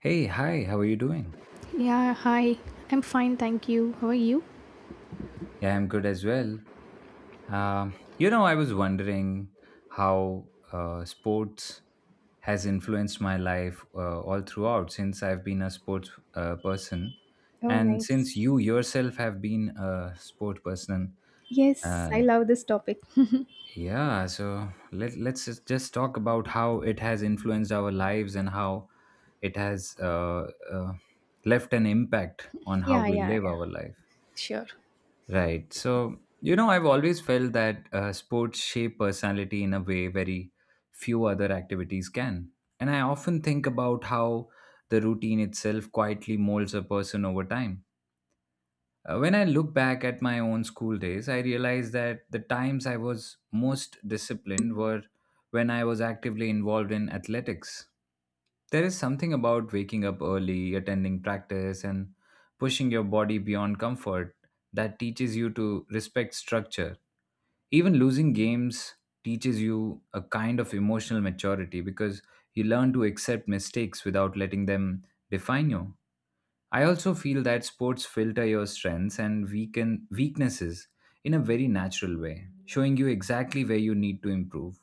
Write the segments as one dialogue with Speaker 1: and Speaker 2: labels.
Speaker 1: Hey, hi, how are you doing?
Speaker 2: Yeah, hi. I'm fine, thank you. How are you?
Speaker 1: Yeah, I'm good as well. You know, I was wondering how sports has influenced my life all throughout since I've been a sports person.
Speaker 2: Oh,
Speaker 1: And since
Speaker 2: nice.
Speaker 1: you yourself have been a sport person,
Speaker 2: Yes, I
Speaker 1: uh,
Speaker 2: love this topic. Yeah,
Speaker 1: yeah, so let's just talk about how it has influenced our lives and how it has left an impact on how
Speaker 2: yeah,
Speaker 1: we
Speaker 2: yeah,
Speaker 1: live our life.
Speaker 2: sure.
Speaker 1: Right. So, you know, I've always felt that sports shape personality in a way very few other activities can. And I often think about how the routine itself quietly molds a person over time. When I look back at my own school days, I realize that the times I was most disciplined were when I was actively involved in athletics. There is something about waking up early, attending practice, and pushing your body beyond comfort that teaches you to respect structure. Even losing games teaches you a kind of emotional maturity because you learn to accept mistakes without letting them define you. I also feel that sports filter your strengths and weaken weaknesses in a very natural way, showing you exactly where you need to improve.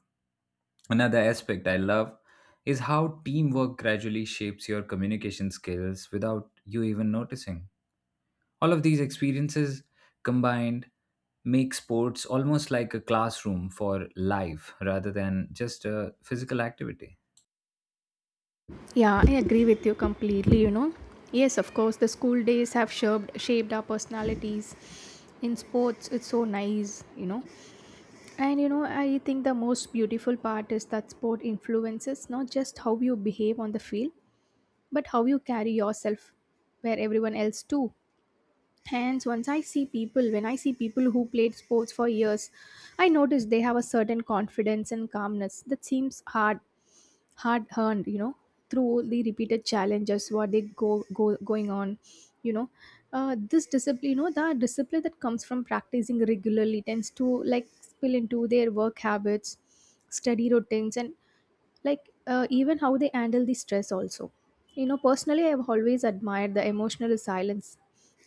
Speaker 1: Another aspect I love is how teamwork gradually shapes your communication skills without you even noticing. All of these experiences combined make sports almost like a classroom for life rather than just a physical activity.
Speaker 2: Yeah, I agree with you completely, you know. Yes, of course, the school days have shaped our personalities. In sports, it's so nice, you know. And, you know, I think the most beautiful part is that sport influences not just how you behave on the field, but how you carry yourself where everyone else too. Hence, once I see people, when I see people who played sports for years, I notice they have a certain confidence and calmness that seems hard earned, you know, through the repeated challenges what they go going on, you know. This discipline, you know, the discipline that comes from practicing regularly tends to like spill into their work habits, study routines, and like even how they handle the stress also. You know, personally, I've always admired the emotional resilience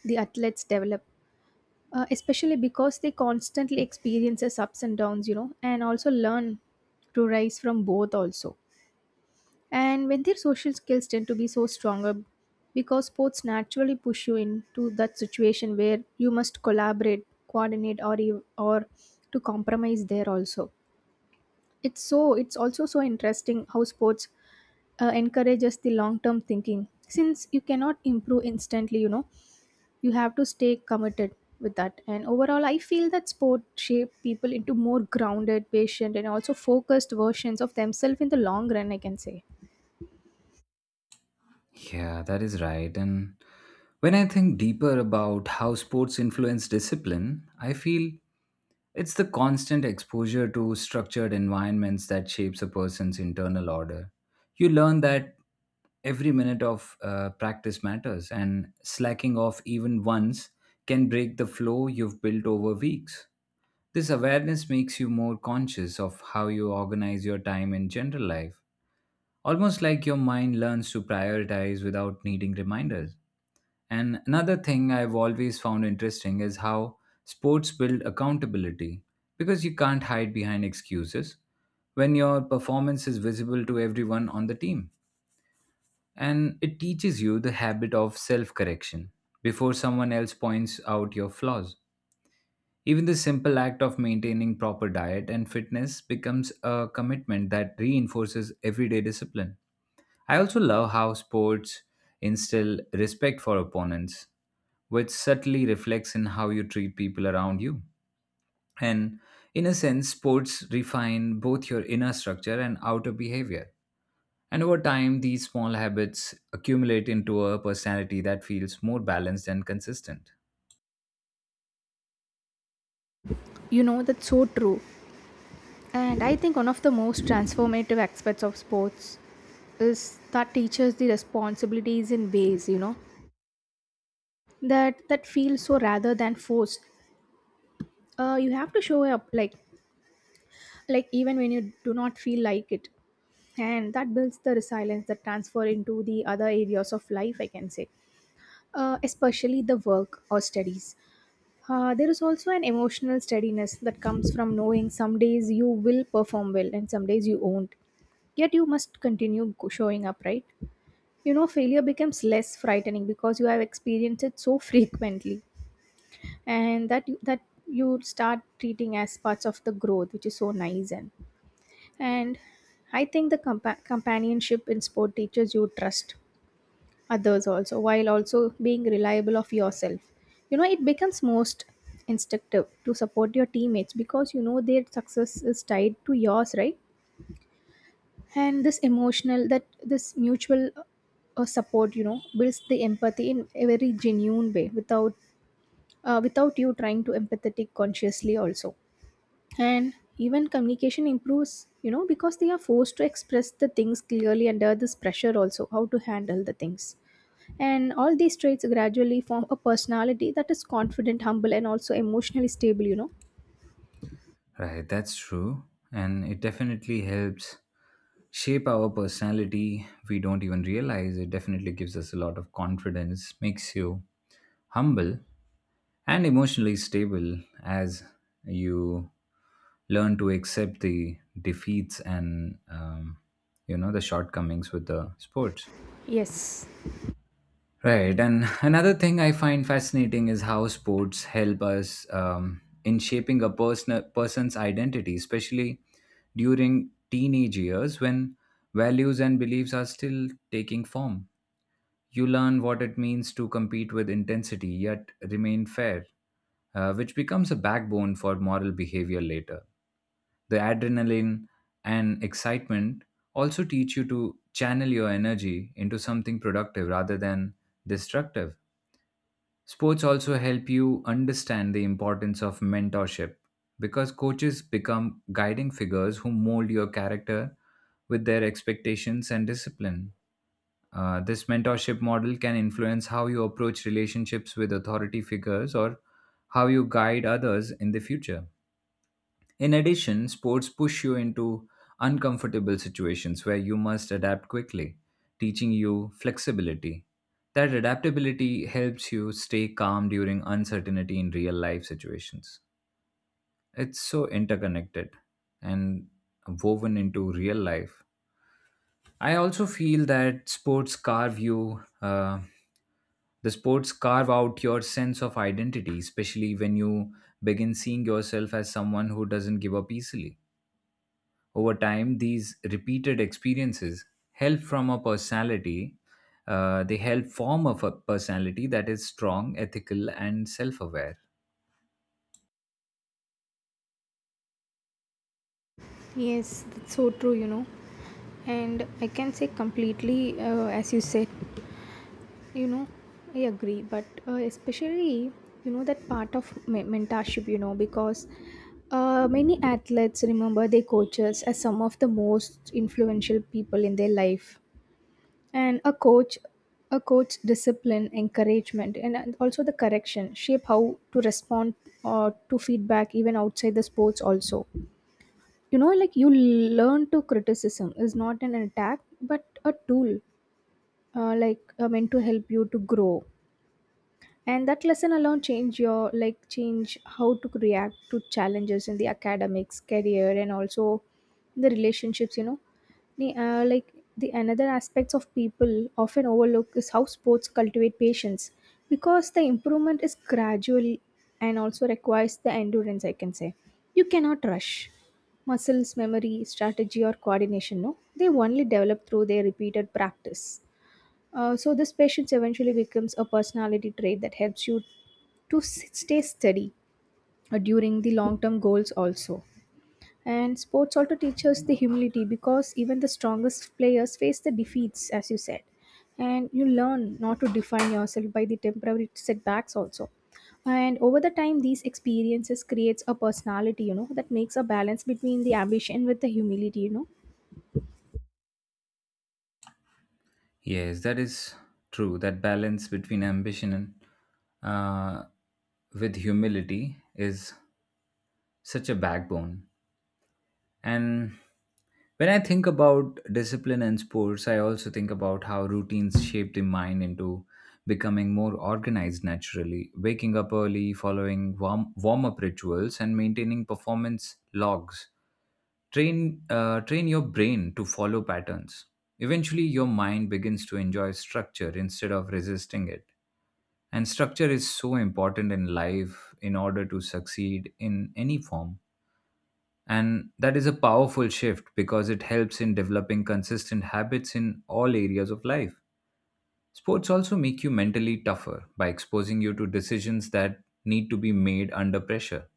Speaker 2: the athletes develop, especially because they constantly experiences ups and downs, you know, and also learn to rise from both also. And when their social skills tend to be so stronger because sports naturally push you into that situation where you must collaborate, coordinate or or to compromise there also. It's so it's also so interesting how sports encourages the long term thinking, since you cannot improve instantly, you know. You have to stay committed with that. And overall I feel that sport shape people into more grounded, patient and also focused versions of themselves in the long run, I can say.
Speaker 1: Yeah, that is right. And when I think deeper about how sports influence discipline, I feel it's the constant exposure to structured environments that shapes a person's internal order. You learn that every minute of practice matters, and slacking off even once can break the flow you've built over weeks. This awareness makes you more conscious of how you organize your time in general life, almost like your mind learns to prioritize without needing reminders. And another thing I've always found interesting is how sports build accountability because you can't hide behind excuses when your performance is visible to everyone on the team. And it teaches you the habit of self correction before someone else points out your flaws. Even the simple act of maintaining proper diet and fitness becomes a commitment that reinforces everyday discipline. I also love how sports instill respect for opponents, which subtly reflects in how you treat people around you. And in a sense, sports refine both your inner structure and outer behavior. And over time, these small habits accumulate into a personality that feels more balanced and consistent.
Speaker 2: You know, that's so true. And I think one of the most transformative aspects of sports is that teaches the responsibilities in ways, you know, that feels so rather than forced. Uh, you have to show up like even when you do not feel like it, and that builds the resilience that transfer into the other areas of life, I can say, especially the work or studies. There is also an emotional steadiness that comes from knowing some days you will perform well and some days you won't. Yet you must showing up, right? You know, failure becomes less frightening because you have experienced it so frequently, and that you start treating as parts of the growth, which is so nice. And and I think the companionship in sport teaches you trust others also, while also being reliable of yourself, you know. It becomes most instinctive to support your teammates because you know their success is tied to yours, right? And this emotional that this mutual support, you know, builds the empathy in a very genuine way without, without you trying to empathetic consciously also. And even communication improves, you know, because they are forced to express the things clearly under this pressure also, how to handle the things. And all these traits gradually form a personality that is confident, humble, and also emotionally stable, you know.
Speaker 1: Right, that's true. And it definitely helps shape our personality. We don't even realize it definitely gives us a lot of confidence, makes you humble, and emotionally stable as you learn to accept the defeats and you know the shortcomings with the sports,
Speaker 2: Yes,
Speaker 1: right. And another thing I find fascinating is how sports help us in shaping a person's identity, especially during teenage years when values and beliefs are still taking form. You learn what it means to compete with intensity yet remain fair, which becomes a backbone for moral behavior later. The adrenaline and excitement also teach you to channel your energy into something productive rather than destructive. Sports also help you understand the importance of mentorship because coaches become guiding figures who mold your character with their expectations and discipline. This mentorship model can influence how you approach relationships with authority figures or how you guide others in the future. In addition, sports push you into uncomfortable situations where you must adapt quickly, teaching you flexibility. That adaptability helps you stay calm during uncertainty in real life situations. It's so interconnected and woven into real life. I also feel that the sports carve out your sense of identity, especially when you begin seeing yourself as someone who doesn't give up easily. Over time, these repeated experiences help from a personality. They help form a personality that is strong, ethical, and self-aware.
Speaker 2: yes, that's so true, you know. And I can say completely, as you said, you know, I agree, but especially, you know, that part of mentorship, you know, because many athletes remember their coaches as some of the most influential people in their life. And a coach discipline, encouragement and also the correction shape how to respond or to feedback even outside the sports also, you know. Like you learn to criticism is not an attack but a tool, meant to help you to grow. And that lesson alone change your like change how to react to challenges in the academics, career and also the relationships, you know. The, like the another aspects of people often overlook is how sports cultivate patience, because the improvement is gradual and also requires the endurance, I can say. You cannot rush muscles memory, strategy or coordination. No, they only develop through their repeated practice. Uh, so this patience eventually becomes a personality trait that helps you to stay steady, during the long-term goals also. And sports also teaches the humility, because even the strongest players face the defeats, as you said. And you learn not to define yourself by the temporary setbacks also. And over the time, these experiences creates a personality, you know, that makes a balance between the ambition with the humility, you know.
Speaker 1: Yes, that is true. That balance between ambition and uh, with humility is such a backbone. And when I think about discipline and sports, I also think about how routines shape the mind into becoming more organized naturally, waking up early, following warm-up rituals, and maintaining performance logs. Train your brain to follow patterns. Eventually, your mind begins to enjoy structure instead of resisting it. And structure is so important in life in order to succeed in any form. And that is a powerful shift because it helps in developing consistent habits in all areas of life. Sports also make you mentally tougher by exposing you to decisions that need to be made under pressure.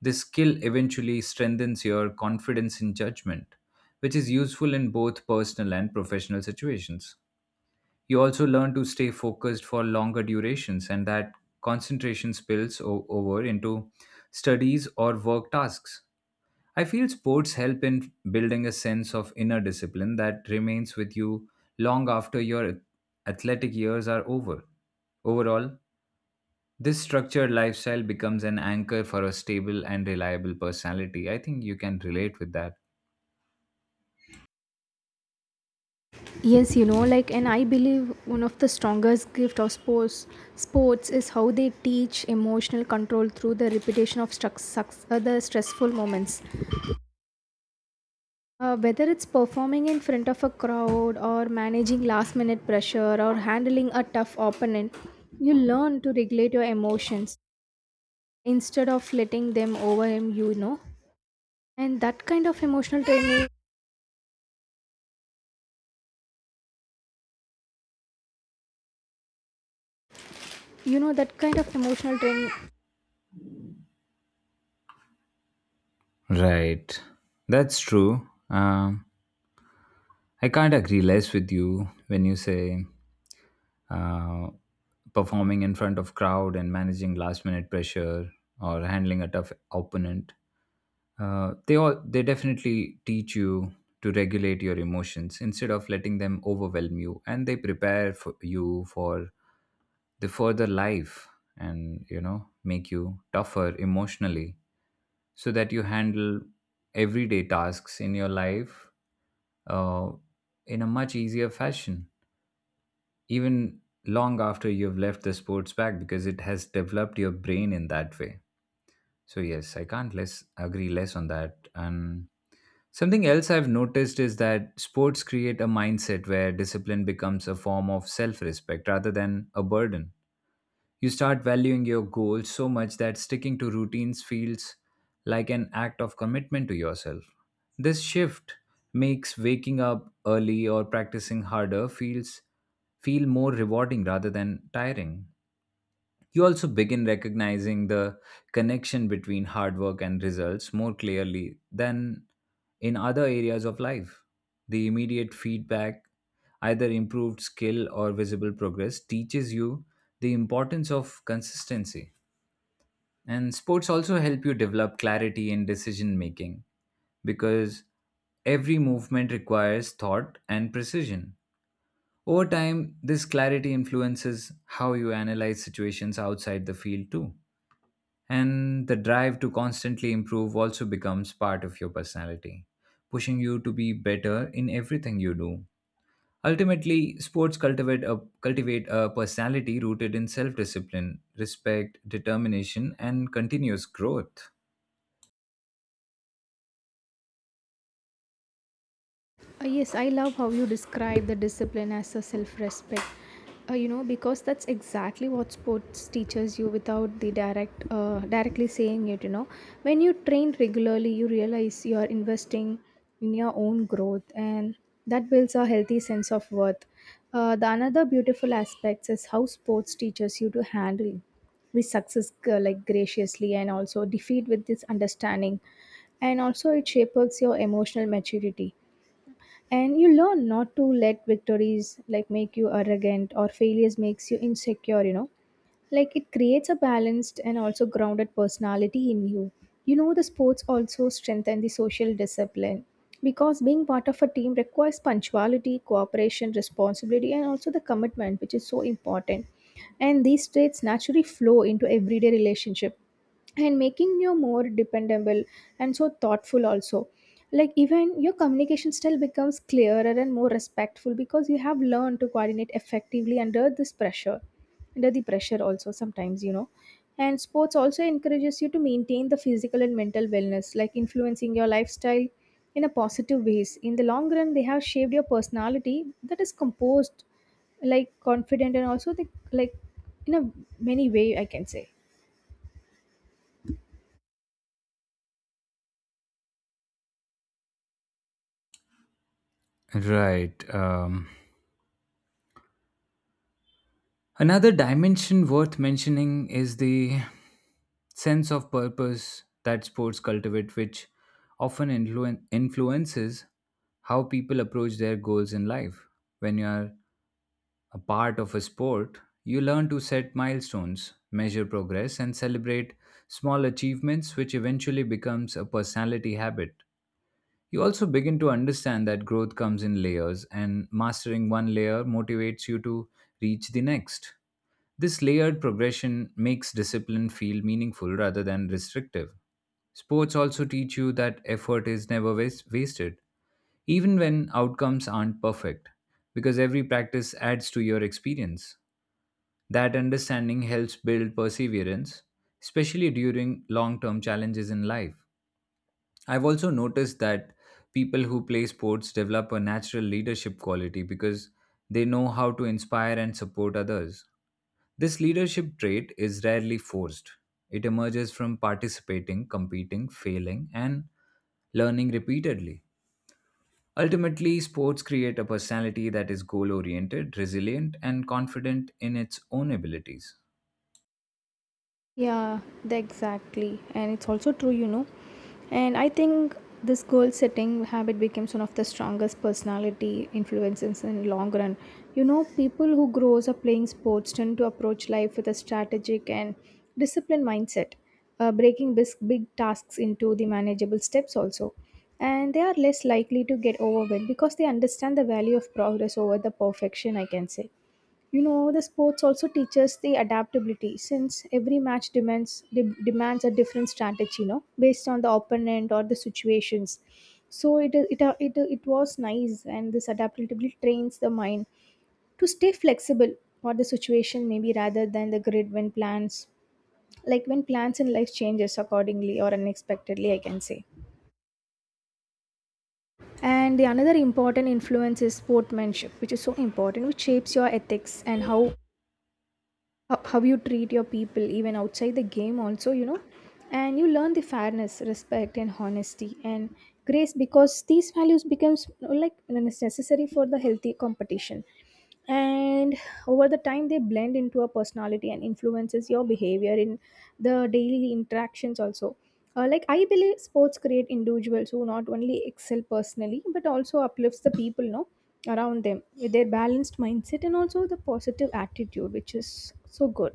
Speaker 1: This skill eventually strengthens your confidence in judgment, which is useful in both personal and professional situations. You also learn to stay focused for longer durations, and that concentration over into studies or work tasks. I feel sports help in building a sense of inner discipline that remains with you long after your athletic years are over. Overall, this structured lifestyle becomes an anchor for a stable and reliable personality. I think you can relate with that.
Speaker 2: Yes, you know, like, and I believe one of the strongest gift of sports is how they teach emotional control through the repetition of the stressful moments. Whether it's performing in front of a crowd or managing last minute pressure or handling a tough opponent, you learn to regulate your emotions instead of letting them overwhelm you, you know. And that kind of emotional training, you know, that kind of emotional training
Speaker 1: Right. That's true. I can't agree less with you when you say uh, performing in front of crowd and managing last minute pressure or handling a tough opponent. They definitely teach you to regulate your emotions instead of letting them overwhelm you, and they prepare for you for the further life, and you know make you tougher emotionally, so that you handle everyday tasks in your life uh, in a much easier fashion, even long after you've left the sports back, because it has developed your brain in that way. So yes, I can't less agree less on that, and something else I've noticed is that sports create a mindset where discipline becomes a form of self respect rather than a burden. You start valuing your goals so much that sticking to routines feels like an act of commitment to yourself. This shift makes waking up early or practicing harder feel more rewarding rather than tiring. You also begin recognizing the connection between hard work and results more clearly than in other areas of life. The immediate feedback, either improved skill or visible progress, teaches you the importance of consistency. And sports also help you develop clarity in decision making because every movement requires thought and precision. Over time, this clarity influences how you analyze situations outside the field too. And the drive to constantly improve also becomes part of your personality, pushing you to be better in everything you do. Ultimately, sports cultivate a personality rooted in self discipline, respect, determination, and continuous growth.
Speaker 2: Yes, I love how you describe the discipline as a self respect. You know, because that's exactly what sports teaches you without directly saying it. You know, when you train regularly, you realize you are investing in your own growth, and that builds a healthy sense of worth. The another beautiful aspect is how sports teaches you to handle with success, like graciously, and also defeat with this understanding. And also it shapes your emotional maturity, and you learn not to let victories make you arrogant or failures makes you insecure, you know. Like it creates a balanced and also grounded personality in you. You know, the sports also strengthen the social discipline, because being part of a team requires punctuality, cooperation, responsibility and also the commitment, which is so important. And these traits naturally flow into everyday relationship, and making you more dependable and so thoughtful also. Like even your communication style becomes clearer and more respectful, because you have learned to coordinate effectively under this pressure, under the pressure also sometimes, you know. And sports also encourages you to maintain the physical and mental wellness, like influencing your lifestyle in a positive ways. In the long run, they have shaped your personality that is composed, like confident and also the, like, in a many way, I can say.
Speaker 1: Right. Another dimension worth mentioning is the sense of purpose that sports cultivate, which often influences how people approach their goals in life. When you are a part of a sport, you learn to set milestones, measure progress, and celebrate small achievements, which eventually becomes a personality habit. You also begin to understand that growth comes in layers, and mastering one layer motivates you to reach the next. This layered progression makes discipline feel meaningful rather than restrictive. Sports also teach you that effort is never was- wasted, even when outcomes aren't perfect, because every practice adds to your experience. That understanding helps build perseverance, especially during long term challenges in life. I've also noticed that people who play sports develop a natural leadership quality because they know how to inspire and support others. This leadership trait is rarely forced, it emerges from participating, competing, failing, and learning repeatedly. Ultimately, sports create a personality that is goal oriented, resilient, and confident in its own abilities.
Speaker 2: Yeah, exactly. And it's also true, you know. And I think this goal setting habit becomes one of the strongest personality influences in long run. You know, people who grows up playing sports tend to approach life with a strategic and disciplined mindset, breaking big tasks into the manageable steps also. And they are less likely to get overwhelmed because they understand the value of progress over the perfection, I can say. You know, the sports also teaches the adaptability, since every match demands a different strategy, you know, based on the opponent or the situations. So it is- it are- it was nice, and this adaptability trains the mind to stay flexible for the situation, maybe rather than the grid when plans in life changes accordingly or unexpectedly, I can say. And the another important influence is sportsmanship, which is so important, which shapes your ethics and how you treat your people even outside the game also, you know. And you learn the fairness, respect and honesty and grace, because these values becomes you like it's necessary for the healthy competition. And over the time, they blend into a personality and influences your behavior in the daily interactions also. I believe sports create individuals who not only excel personally but also uplifts the people, no, around them with their balanced mindset and also the positive attitude, which is so good.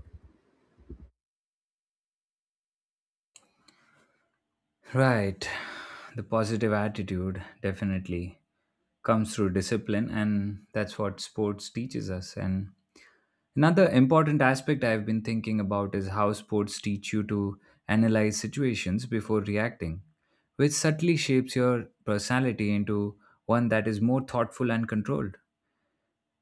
Speaker 1: Right. The positive attitude definitely comes through discipline, and that's what sports teaches us. And another important aspect I've been thinking about is how sports teach you to analyze situations before reacting, which subtly shapes your personality into one that is more thoughtful and controlled.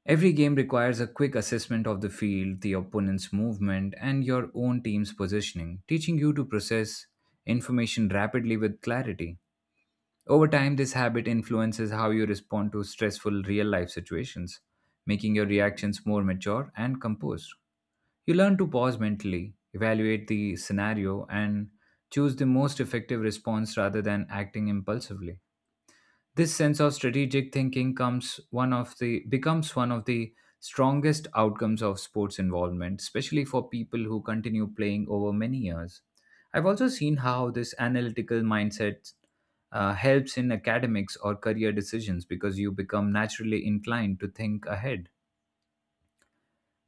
Speaker 1: Every game requires a quick assessment of the field, the opponent's movement, and your own team's positioning, teaching you to process information rapidly with clarity. Over time, this habit influences how you respond to stressful real life situations, making your reactions more mature and composed. You learn to pause mentally, evaluate the scenario, and choose the most effective response rather than acting impulsively. This sense of strategic thinking comes one of the becomes one of the strongest outcomes of sports involvement, especially for people who continue playing over many years. I've also seen how this analytical mindset helps in academics or career decisions because you become naturally inclined to think ahead.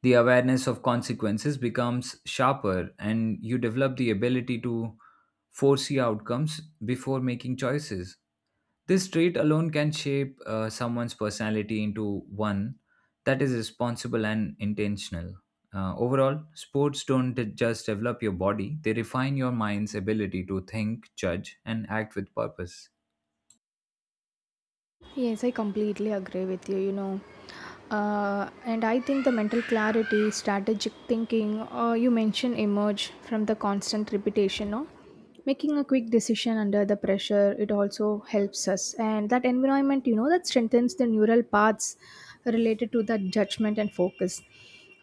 Speaker 1: The awareness of consequences becomes sharper, and you develop the ability to foresee outcomes before making choices. This trait alone can shape someone's personality into one that is responsible and intentional. Overall, sports don't just develop your body, they refine your mind's ability to think, judge, and act with purpose.
Speaker 2: Yes, I completely agree with you, you know. And I think the mental clarity, strategic thinking, or you mentioned emerge from the constant repetition, no? Making a quick decision under the pressure, it also helps us. And that environment, you know, that strengthens the neural paths related to that judgment and focus,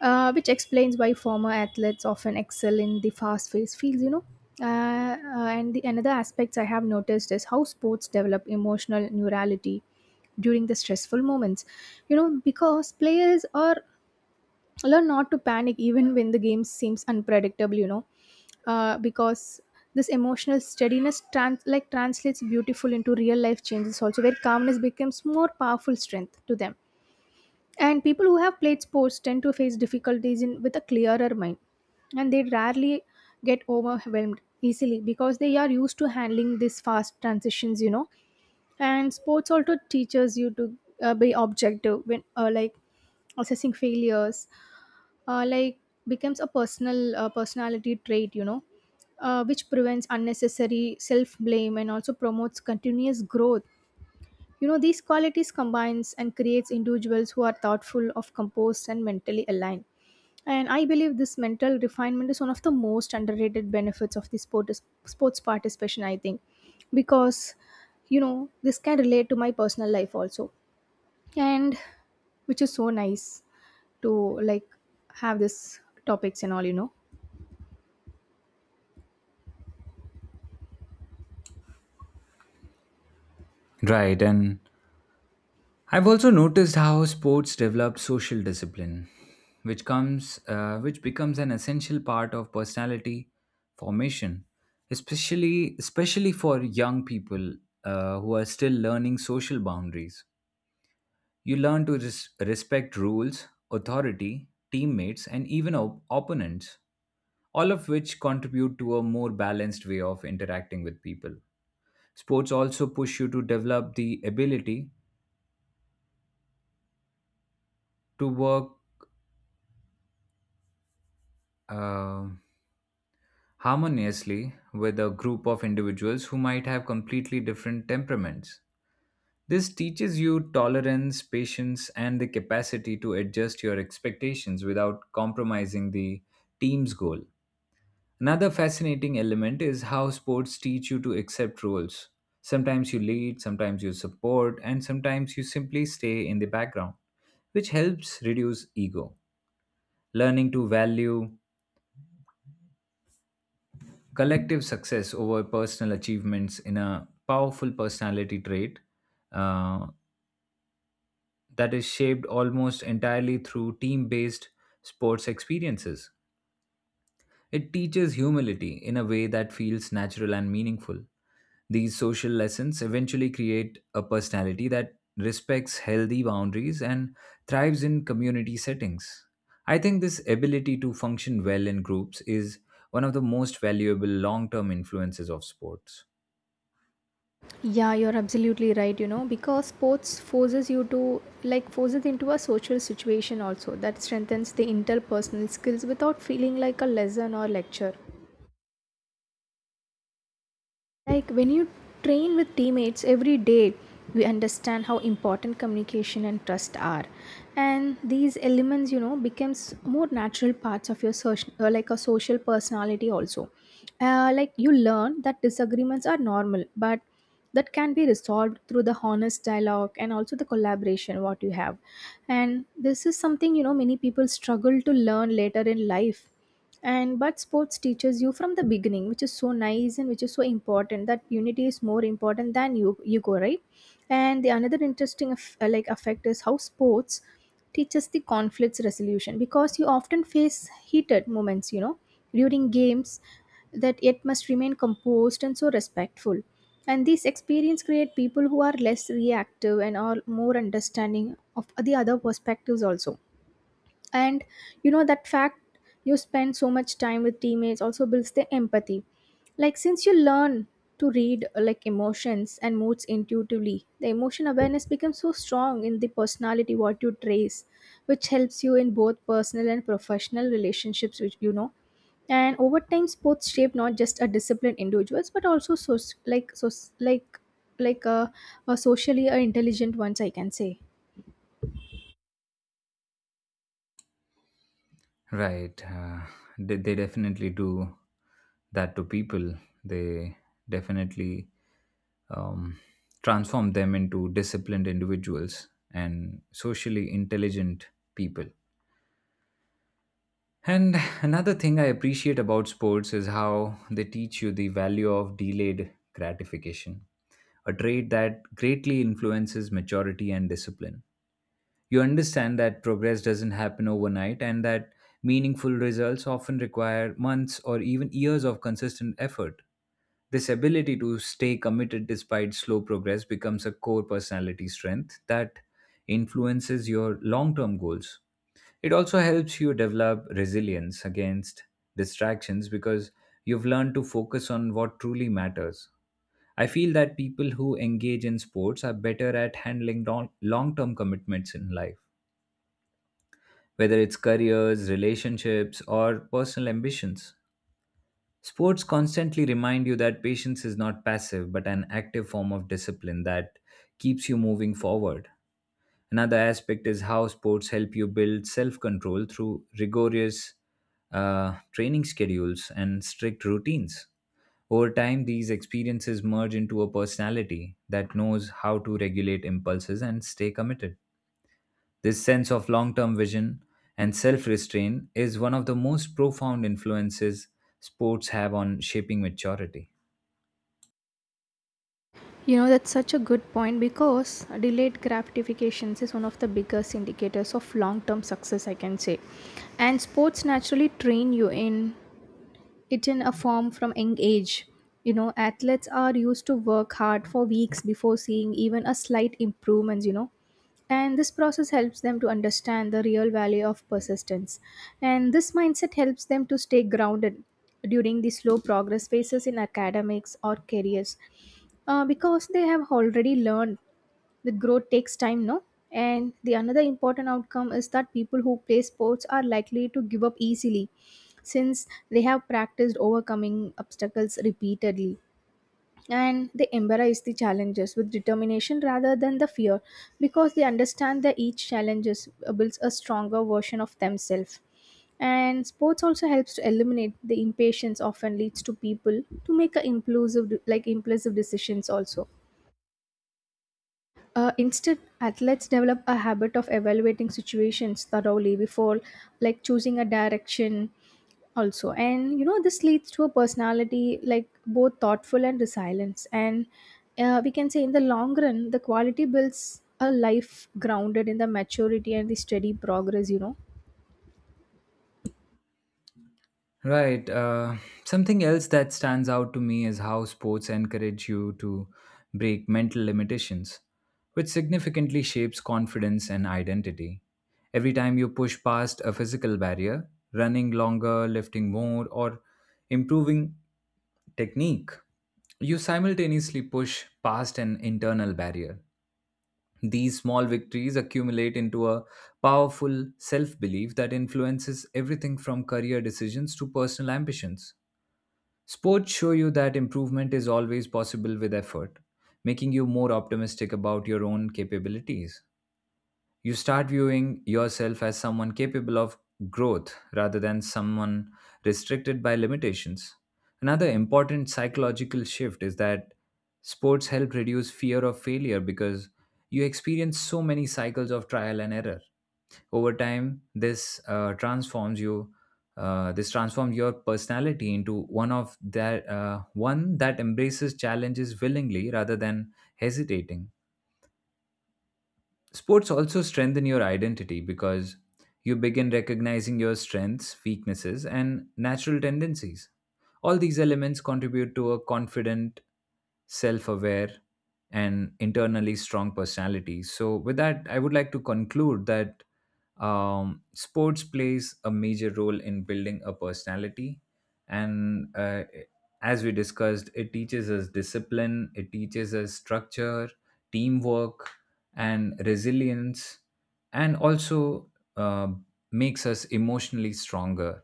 Speaker 2: which explains why former athletes often excel in the fast-paced fields. You know, and the another aspects I have noticed is how sports develop emotional neurality during the stressful moments. You know, because players are learn not to panic even when the game seems unpredictable. You know, because this emotional steadiness translates beautiful into real life changes also, where calmness becomes more powerful strength to them. And people who have played sports tend to face difficulties in, with a clearer mind, and they rarely get overwhelmed easily because they are used to handling these fast transitions, you know. And sports also teaches you to, be objective when, assessing failures, uh, like becomes a personality trait, you know, which prevents unnecessary self blame and also promotes continuous growth, you know. These qualities combines and creates individuals who are thoughtful, of composed and mentally aligned. And I believe this mental refinement is one of the most underrated benefits of the sports participation, I think. Because, this can relate to my personal life also. And which is so nice to like have this topics and all, you know.
Speaker 1: Right, and I've also noticed how sports develop social discipline, which becomes an essential part of personality formation, especially for young people who are still learning social boundaries. You learn to respect rules, authority, teammates, and even opponents, all of which contribute to a more balanced way of interacting with people. Sports also push you to develop the ability to work uh, harmoniously with a group of individuals who might have completely different temperaments. This teaches you tolerance, patience, and the capacity to adjust your expectations without compromising the team's goal. Another fascinating element is how sports teach you to accept roles. Sometimes you lead, sometimes you support, and sometimes you simply stay in the background, which helps reduce ego. Learning to value collective success over personal achievements in a powerful personality trait uh, that is shaped almost entirely through team based sports experiences. It teaches humility in a way that feels natural and meaningful. These social lessons eventually create a personality that respects healthy boundaries and thrives in community settings. I think this ability to function well in groups is one of the most valuable long term influences of sports.
Speaker 2: Yeah, you're absolutely right, you know, because sports forces you to like forces into a social situation also that strengthens the interpersonal skills without feeling like a lesson or lecture. Like when you train with teammates every day, we understand how important communication and trust are. And these elements, you know, becomes more natural parts of your social, like a social personality also. Like you learn that disagreements are normal, but that can be resolved through the honest dialogue and also the collaboration what you have. And this is something, you know, many people struggle to learn later in life and but sports teaches you from the beginning, which is so nice and which is so important, that unity is more important than you go right. And the another interesting like effect is how sports teaches the conflicts resolution, because you often face heated moments, you know, during games, that yet must remain composed and so respectful. And these experience create people who are less reactive and are more understanding of the other perspectives also. And you know that fact you spend so much time with teammates also builds the empathy, like since you learn to read like emotions and moods intuitively, the emotion awareness becomes so strong in the personality what you trace, which helps you in both personal and professional relationships, which you know. And over time sports shape not just a disciplined individuals, but also like so like like a, a socially intelligent ones I can say.
Speaker 1: Right. They definitely do that to people. They definitely um, transform them into disciplined individuals and socially intelligent people. And another thing I appreciate about sports is how they teach you the value of delayed gratification, a trait that greatly influences maturity and discipline. You understand that progress doesn't happen overnight and that meaningful results often require months or even years of consistent effort. This ability to stay committed despite slow progress becomes a core personality strength that influences your long term goals. It also helps you develop resilience against distractions because you've learned to focus on what truly matters. I feel that people who engage in sports are better at handling long term commitments in life, whether it's careers, relationships, or personal ambitions. Sports constantly remind you that patience is not passive but an active form of discipline that keeps you moving forward. Another aspect is how sports help you build self control through rigorous training schedules and strict routines. Over time, these experiences merge into a personality that knows how to regulate impulses and stay committed. This sense of long term vision and self restraint is one of the most profound influences sports have on shaping maturity.
Speaker 2: You know, that's such a good point, because delayed gratifications is one of the biggest indicators of long term success, I can say. And sports naturally train you in it in a form from young age. You know, athletes are used to work hard for weeks before seeing even a slight improvements, you know. And this process helps them to understand the real value of persistence. And this mindset helps them to stay grounded during the slow progress phases in academics or careers, because they have already learned that growth takes time, no. And the another important outcome is that people who play sports are likely to give up easily, since they have practiced overcoming obstacles repeatedly, and they embrace the challenges with determination rather than the fear, because they understand that each challenges builds a stronger version of themselves. And sports also helps to eliminate the impatience often leads to people to make a impulsive decisions also. Instead, athletes develop a habit of evaluating situations thoroughly before, like, choosing a direction, also. And you know, this leads to a personality like both thoughtful and resilience. And we can say, in the long run, the quality builds a life grounded in the maturity and the steady progress, you know.
Speaker 1: Right. Something else that stands out to me is how sports encourage you to break mental limitations, which significantly shapes confidence and identity. Every time you push past a physical barrier, running longer, lifting more, or improving technique, you simultaneously push past an internal barrier. These small victories accumulate into a powerful self belief that influences everything from career decisions to personal ambitions. Sports show you that improvement is always possible with effort, making you more optimistic about your own capabilities. You start viewing yourself as someone capable of growth rather than someone restricted by limitations. Another important psychological shift is that sports help reduce fear of failure because you experience so many cycles of trial and error. Over time, this transforms your personality into one that embraces challenges willingly rather than hesitating. Sports also strengthen your identity because you begin recognizing your strengths, weaknesses, and natural tendencies. All these elements contribute to a confident, self aware, and internally strong personality. So, with that, I would like to conclude that sports plays a major role in building a personality and as we discussed, it teaches us discipline, it teaches us structure, teamwork, and resilience, and also uh, makes us emotionally stronger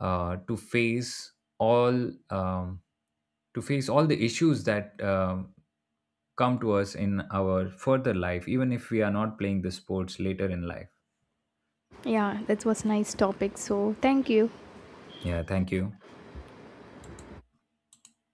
Speaker 1: to all um, face all the issues that come to us in our further life, even if we are not playing the sports later in life.
Speaker 2: Yeah, that was nice topic. So thank you.
Speaker 1: Yeah, thank you.